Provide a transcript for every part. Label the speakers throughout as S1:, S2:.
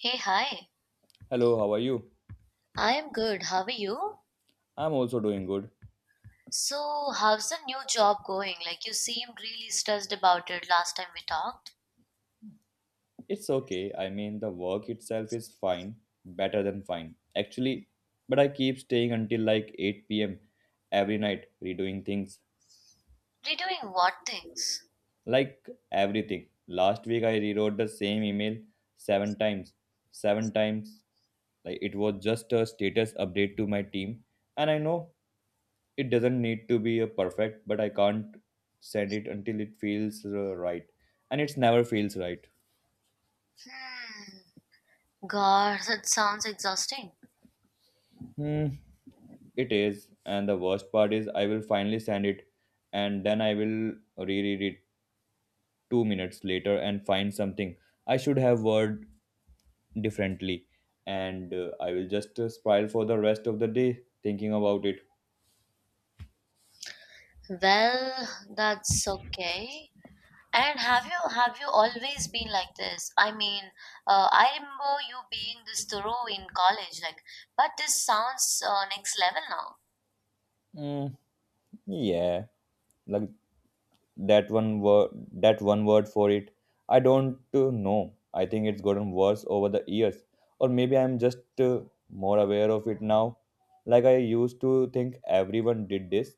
S1: Hey, hi.
S2: Hello, how are you?
S1: I am good. How are you?
S2: I'm also doing good.
S1: So, how's the new job going? Like, you seemed really stressed about it last time we talked.
S2: It's okay. I mean, the work itself is fine, better than fine, actually. But I keep staying until like 8 p.m. every night, redoing things.
S1: Redoing what things?
S2: Like everything. Last week I rewrote the same email 7 times. 7 times. Like it was just a status update to my team. And I know it doesn't need to be a perfect, but I can't send it until it feels right. And it's never feels right.
S1: Hmm. God, that sounds exhausting.
S2: Hmm. It is, and the worst part is I will finally send it and then I will reread it 2 minutes later and find something I should have worded differently and I will just spiral for the rest of the day thinking about it.
S1: Well, that's okay. And have you always been like this? I mean, I remember you being this thorough in college, like, but this sounds next level now.
S2: Mm, yeah. Luxury. That one word for it. I don't know, I think it's gotten worse over the years, or maybe I'm just more aware of it now. Like I used to think everyone did this,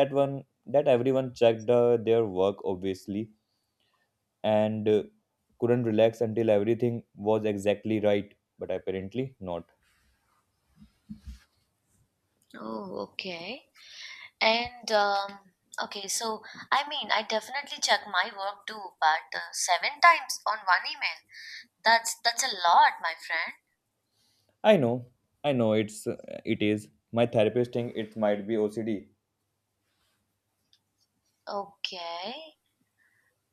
S2: that one that everyone checked their work obviously and couldn't relax until everything was exactly right, but apparently not.
S1: Oh, okay. And okay, so I mean, I definitely check my work too, but seven times on one email. That's a lot, my friend.
S2: I know i know It's it is, my therapist think it might be OCD.
S1: Okay,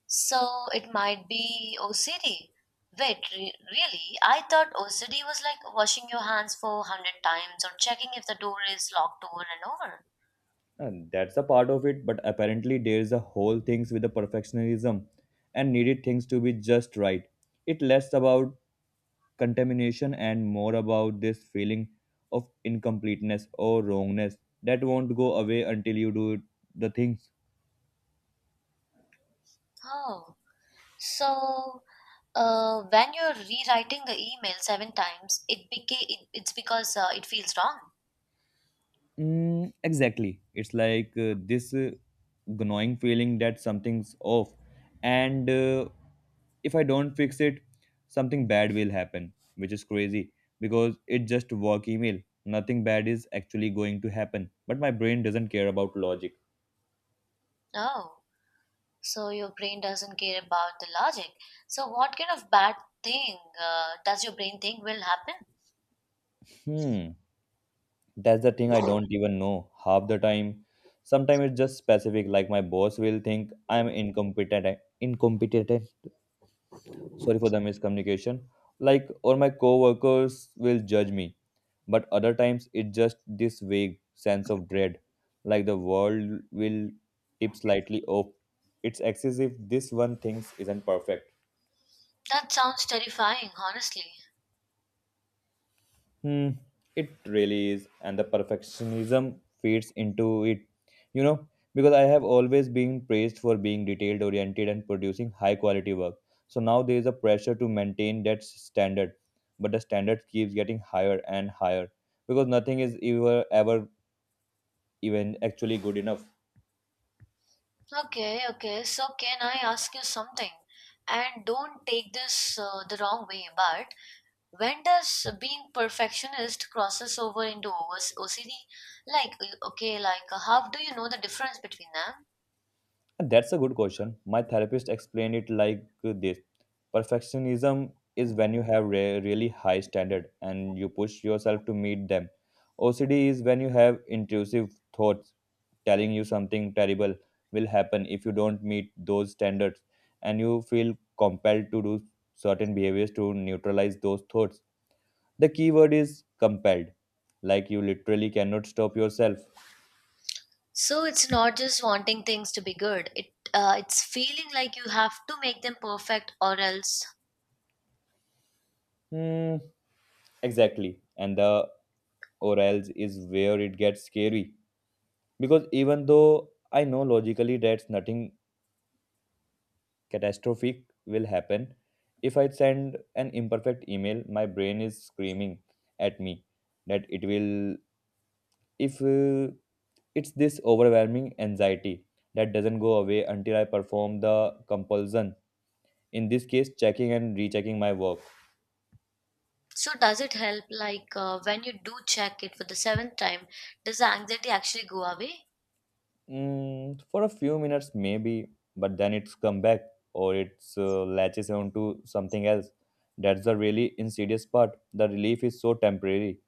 S1: so it might be OCD. Wait, really? I thought OCD was like washing your hands for hundred times or checking if the door is locked over and over.
S2: And that's a part of it, but apparently there's a whole things with the perfectionism and needed things to be just right. It less about contamination and more about this feeling of incompleteness or wrongness that won't go away until you do the thing.
S1: Oh, so when you're rewriting the email seven times, it's because it feels wrong.
S2: Mm, exactly. It's like this gnawing feeling that something's off, and if I don't fix it, something bad will happen, which is crazy because it's just work email. Nothing bad is actually going to happen, but my brain doesn't care about logic.
S1: Oh. So your brain doesn't care about the logic. So what kind of bad thing does your brain think will happen?
S2: Hmm, that's the thing. I don't even know half the time. Sometimes it's just specific, like my boss will think I'm incompetent, sorry for the miscommunication, like, or my coworkers will judge me. But other times it's just this vague sense of dread, like the world will tip slightly off. It's excessive this one thing isn't perfect.
S1: That sounds terrifying, honestly.
S2: Hmm, it really is, and the perfectionism fits into it. You know, because I have always been praised for being detailed oriented and producing high quality work. So now there is a pressure to maintain that standard, but the standard keeps getting higher and higher because nothing is ever even actually good enough.
S1: Okay, okay. So can I ask you something? And don't take this the wrong way, but when does being perfectionist crosses over into OS. Like, okay, like how do you know the difference between them?
S2: That's a good question. My therapist explained it like this. Perfectionism is when you have really high standard and you push yourself to meet them. OCD is when you have intrusive thoughts telling you something terrible will happen if you don't meet those standards, and you feel compelled to do certain behaviors to neutralize those thoughts. The key word is compelled, like you literally cannot stop yourself.
S1: So it's not just wanting things to be good. It's feeling like you have to make them perfect or else.
S2: Hmm, exactly. And the or else is where it gets scary. Because even though I know logically that nothing catastrophic will happen, if I send an imperfect email, my brain is screaming at me that it will, if it's this overwhelming anxiety that doesn't go away until I perform the compulsion. In this case, checking and rechecking my work.
S1: So does it help like when you do check it for the seventh time, does the anxiety actually go away?
S2: Mm, for a few minutes, maybe, but then it's come back or it's latches onto something else. That's the really insidious part. The relief is so temporary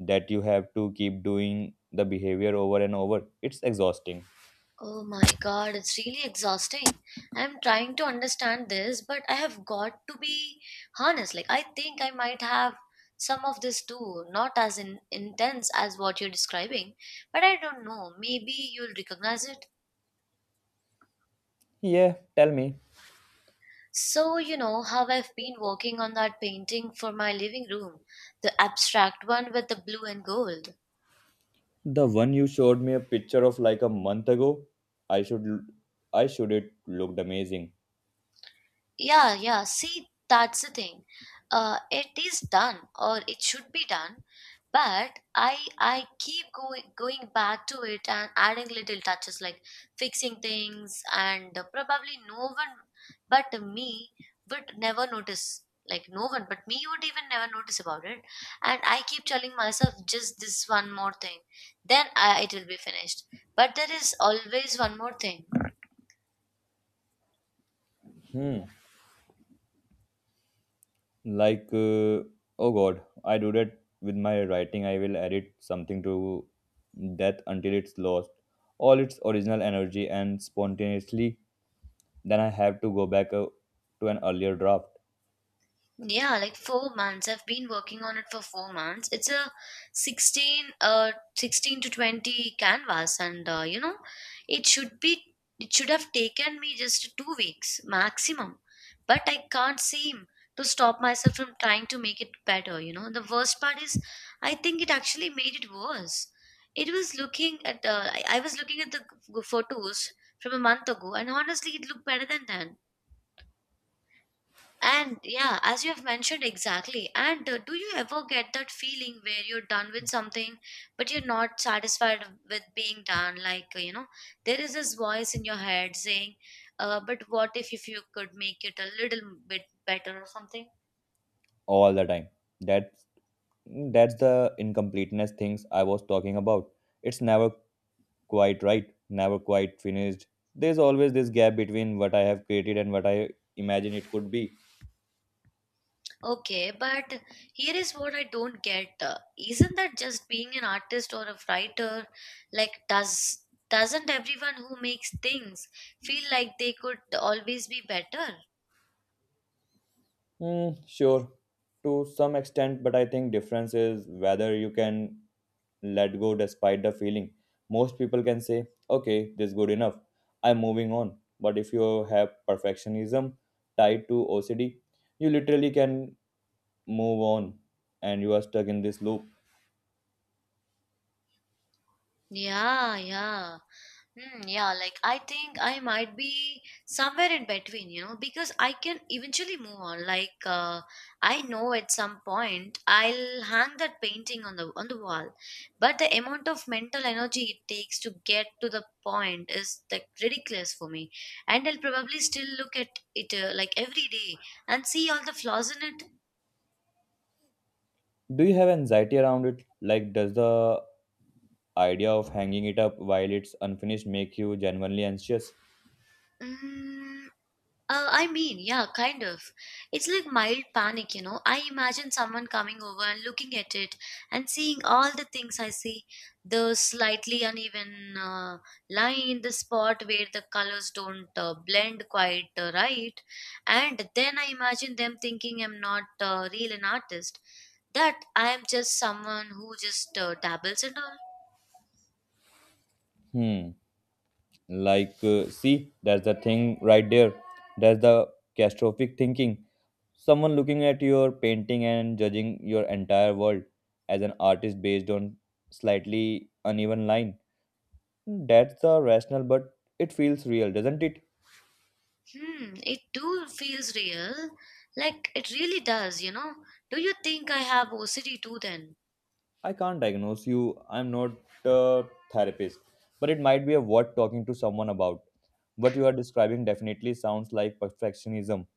S2: that you have to keep doing the behavior over and over. It's exhausting.
S1: Oh my god, it's really exhausting. I'm trying to understand this, but I have got to be honest. Like I think I might have some of this too, not as intense as what you're describing, but I don't know. Maybe you'll recognize it.
S2: Yeah, tell me.
S1: So, you know how I've been working on that painting for my living room, the abstract one with the blue and gold.
S2: The one you showed me a picture of like a month ago. I should, l- I should it looked amazing.
S1: Yeah, yeah. See, that's the thing. It is done, or it should be done. But I keep going back to it and adding little touches like fixing things, and probably no one but me would never notice. Like no one but me would even never notice about it. And I keep telling myself just this one more thing, then I, it will be finished. But there is always one more thing.
S2: Hmm. Like, oh God, I do that with my writing. I will edit something to death until it's lost all its original energy and spontaneously. Then I have to go back to an earlier draft
S1: Yeah, like 4 months. I've been working on it for 4 months. It's a 16, 16 to 20 canvas, and you know, it should be, it should have taken me just 2 weeks maximum. But I can't seem to stop myself from trying to make it better, you know. The worst part is, I think it actually made it worse. It was looking at, I was looking at the photos from a month ago, and honestly, it looked better than that. And yeah, as you have mentioned exactly. And do you ever get that feeling where you're done with something, but you're not satisfied with being done? Like, you know, there is this voice in your head saying, but what if you could make it a little bit better or something?
S2: all the time. That's that's the incompleteness things I was talking about. It's never quite right, never quite finished. There's always this gap between what I have created and what I imagine it could be.
S1: Okay, but here is what I don't get. Isn't that just being an artist or a writer? Like, does doesn't everyone who makes things feel like they could always be better?
S2: Mm, sure, to some extent, but I think difference is whether you can let go despite the feeling. Most people can say, "Okay, this is good enough. I'm moving on." But if you have perfectionism tied to OCD, you literally can move on, and you are stuck in this loop.
S1: Yeah, yeah. Hmm, yeah, like I think I might be somewhere in between, you know, because I can eventually move on. Like I know at some point I'll hang that painting on the wall, but the amount of mental energy it takes to get to the point is like ridiculous for me. And I'll probably still look at it like every day and see all the flaws in it.
S2: Do you have anxiety around it? Like, does the idea of hanging it up while it's unfinished make you genuinely anxious?
S1: Mm, I mean, yeah, kind of. It's like mild panic, you know. I imagine someone coming over and looking at it and seeing all the things I see the slightly uneven line, the spot where the colors don't blend quite right. And then I imagine them thinking I'm not real an artist, that I am just someone who just dabbles and all.
S2: Hmm. Like, see, that's the thing right there. That's the catastrophic thinking. Someone looking at your painting and judging your entire world as an artist based on slightly uneven line. That's the rational, but it feels real, doesn't it?
S1: Hmm, it do feels real. Like it really does, you know. Do you think I have OCD too then?
S2: I can't diagnose you. I'm not a therapist, but it might be a worth talking to someone about. What you are describing definitely sounds like perfectionism,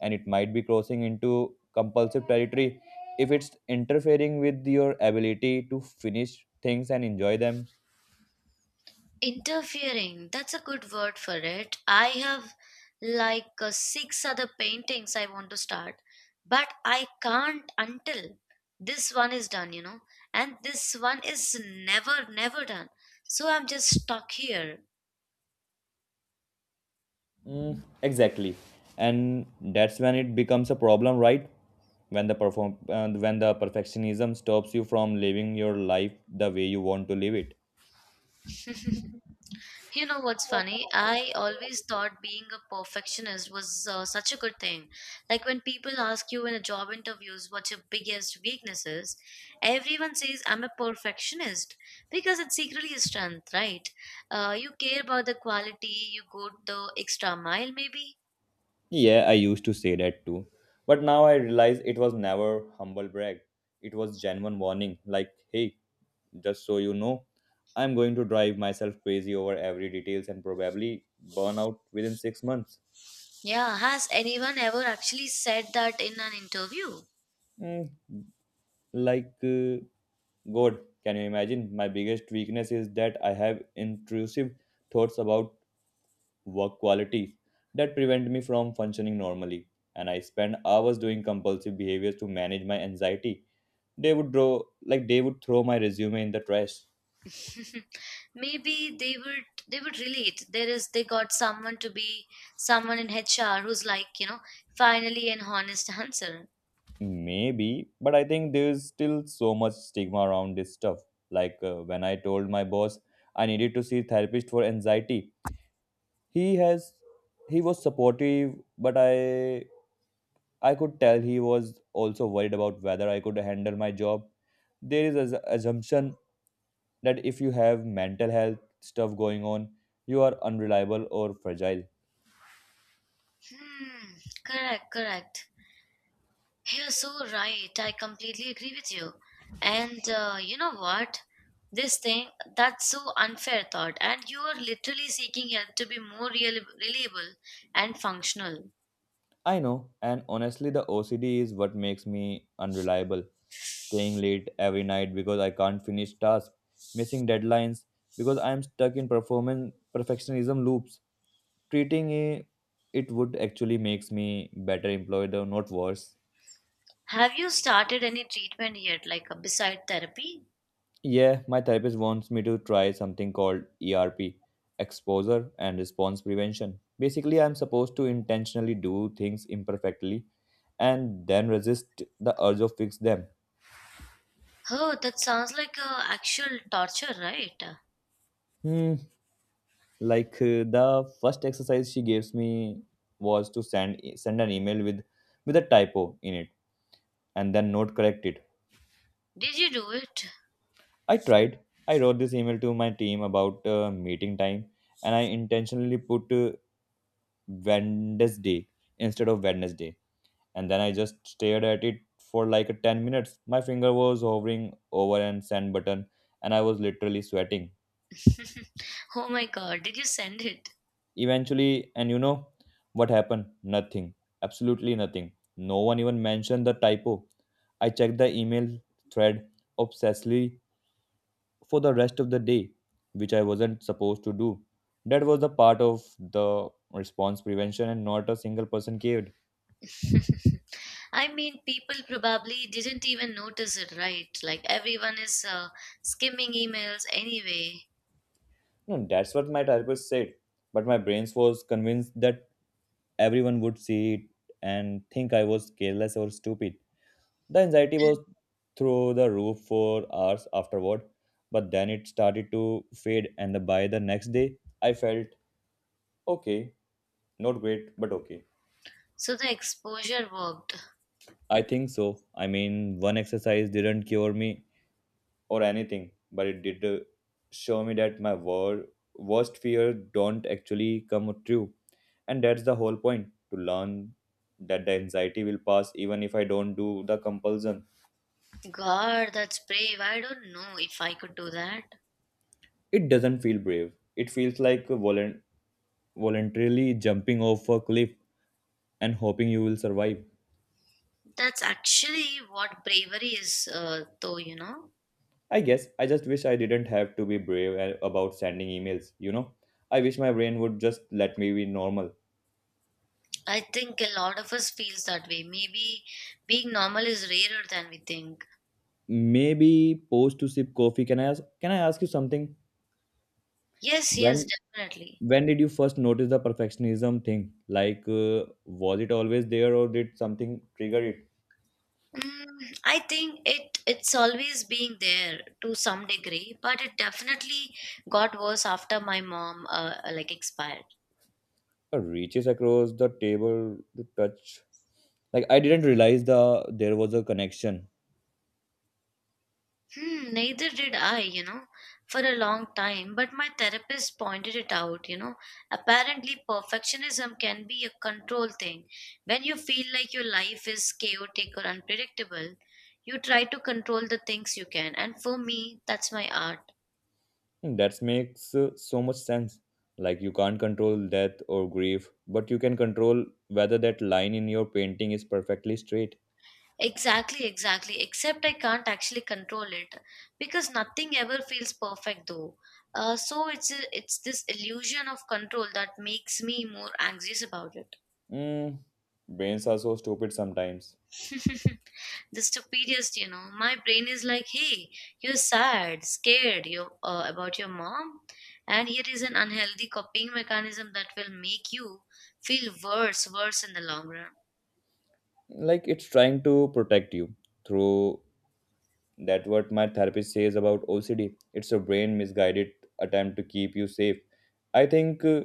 S2: and it might be crossing into compulsive territory if it's interfering with your ability to finish things and enjoy them.
S1: Interfering, that's a good word for it. I have like six other paintings I want to start, but I can't until this one is done, you know. And this one is never, never done. So I'm just stuck here.
S2: Mm, exactly, and that's when it becomes a problem, right? When the when the perfectionism stops you from living your life the way you want to live it.
S1: You know what's funny? I always thought being a perfectionist was such a good thing. Like when people ask you in a job interviews what your biggest weakness is, everyone says, I'm a perfectionist because it's secretly a strength, right? You care about the quality, you go the extra mile, maybe.
S2: Yeah, I used to say that too. But now I realize it was never humble brag. It was genuine warning like, hey, just so you know, I'm going to drive myself crazy over every details and probably burn out within 6 months.
S1: Yeah, has anyone ever actually said that in an interview?
S2: Mm, like God, can you imagine? My biggest weakness is that I have intrusive thoughts about work qualities that prevent me from functioning normally, and I spend hours doing compulsive behaviors to manage my anxiety. They would draw, like, they would throw my resume in the trash.
S1: Maybe they would. They would relate. There is they got someone to be someone in HR who's like, you know, finally an honest answer.
S2: Maybe, but I think there's still so much stigma around this stuff. Like, when I told my boss I needed to see therapist for anxiety, he has he was supportive, but I could tell he was also worried about whether I could handle my job. There is an assumption that if you have mental health stuff going on, you are unreliable or fragile.
S1: Hmm, correct, correct. You're so right, I completely agree with you. And you know what, this thing, that's so unfair thought, and you are literally seeking help to be more real, reliable and functional.
S2: I know, and honestly, the OCD is what makes me unreliable. Staying late every night because I can't finish tasks, missing deadlines because I am stuck in performance perfectionism loops. Treating it, it would actually makes me better employee, though not worse.
S1: Have you started any treatment yet, like beside therapy?
S2: Yeah, my therapist wants me to try something called ERP, exposure and response prevention. Basically, I'm supposed to intentionally do things imperfectly and then resist the urge of fix them.
S1: Oh, that sounds like actual torture, right?
S2: Hmm, like the first exercise she gives me was to send an email with a typo in it and then note correct it.
S1: Did you do it?
S2: I tried. I wrote this email to my team about meeting time, and I intentionally put wednesday instead of wednesday, and then I just stared at it for like a 10 minutes. My finger was hovering over and send button, and I was literally sweating.
S1: Oh my god, did you send it?
S2: Eventually, and you know what happened? Nothing. Absolutely nothing. No one even mentioned the typo. I checked the email thread obsessively for the rest of the day, which I wasn't supposed to do. That was the part of the response prevention, and not a single person cared.
S1: I mean, people probably didn't even notice it, right? Like everyone is skimming emails anyway.
S2: No, that's what my therapist said. But my brains was convinced that everyone would see it and think I was careless or stupid. The anxiety was through the roof for hours afterward, but then it started to fade, and by the next day, I felt okay, not great, but okay.
S1: So the exposure worked.
S2: I think so. I mean, one exercise didn't cure me or anything, but it did show me that my worst fear don't actually come true, and that's the whole point to learn that the anxiety will pass even if I don't do the compulsion.
S1: God, that's brave. I don't know if I could do that.
S2: It doesn't feel brave. It feels like a voluntarily jumping off a cliff and hoping you will survive.
S1: That's actually what bravery is, though, you know.
S2: I guess I just wish I didn't have to be brave about sending emails, you know? I wish my brain would just let me be normal.
S1: I think a lot of us feels that way. Maybe being normal is rarer than we think.
S2: Maybe post to sip coffee. Can I ask you something?
S1: Yes, yes,
S2: When
S1: definitely.
S2: when did you first notice the perfectionism thing? Like was it always there or did something trigger it?
S1: Mm, I think it's always been there to some degree, but it definitely got worse after my mom like expired.
S2: A reaches across the table to touch. Like I didn't realize there was a connection.
S1: Hmm, neither did I, you know, for a long time, but my therapist pointed it out, you know. Apparently, perfectionism can be a control thing. When you feel like your life is chaotic or unpredictable, you try to control the things you can, and for me, that's my art.
S2: Hmm, that makes so much sense. Like you can't control death or grief, but you can control whether that line in your painting is perfectly straight.
S1: Exactly, exactly. Except I can't actually control it because nothing ever feels perfect though. So it's this illusion of control that makes me more anxious about it.
S2: Mm, brains are so stupid sometimes.
S1: The stupidest, you know. My brain is like, "Hey, you're sad, scared, you about your mom," and here is an unhealthy coping mechanism that will make you feel worse, worse in the long run.
S2: Like it's trying to protect you through that what my therapist says about OCD. It's a brain misguided attempt to keep you safe. I think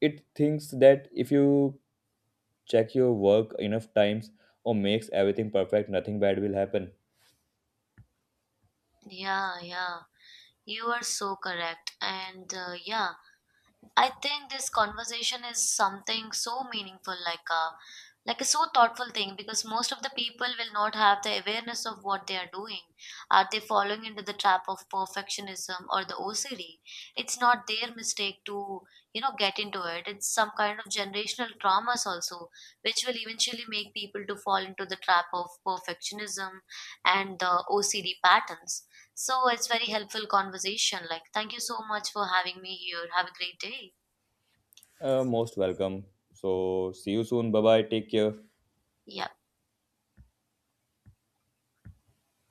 S2: it thinks that if you check your work enough times or makes everything perfect, nothing bad will happen.
S1: Yeah, yeah. You are so correct. And yeah, I think this conversation is something so meaningful, like a so thoughtful thing, because most of the people will not have the awareness of what they are doing. Are they falling into the trap of perfectionism or the OCD? It's not their mistake to you know get into it. It's some kind of generational traumas also, which will eventually make people to fall into the trap of perfectionism and the OCD patterns. So it's very helpful conversation. Like, thank you so much for having me here. Have a great day.
S2: Most welcome. So, see you soon. Bye bye. Take care.
S1: Yeah.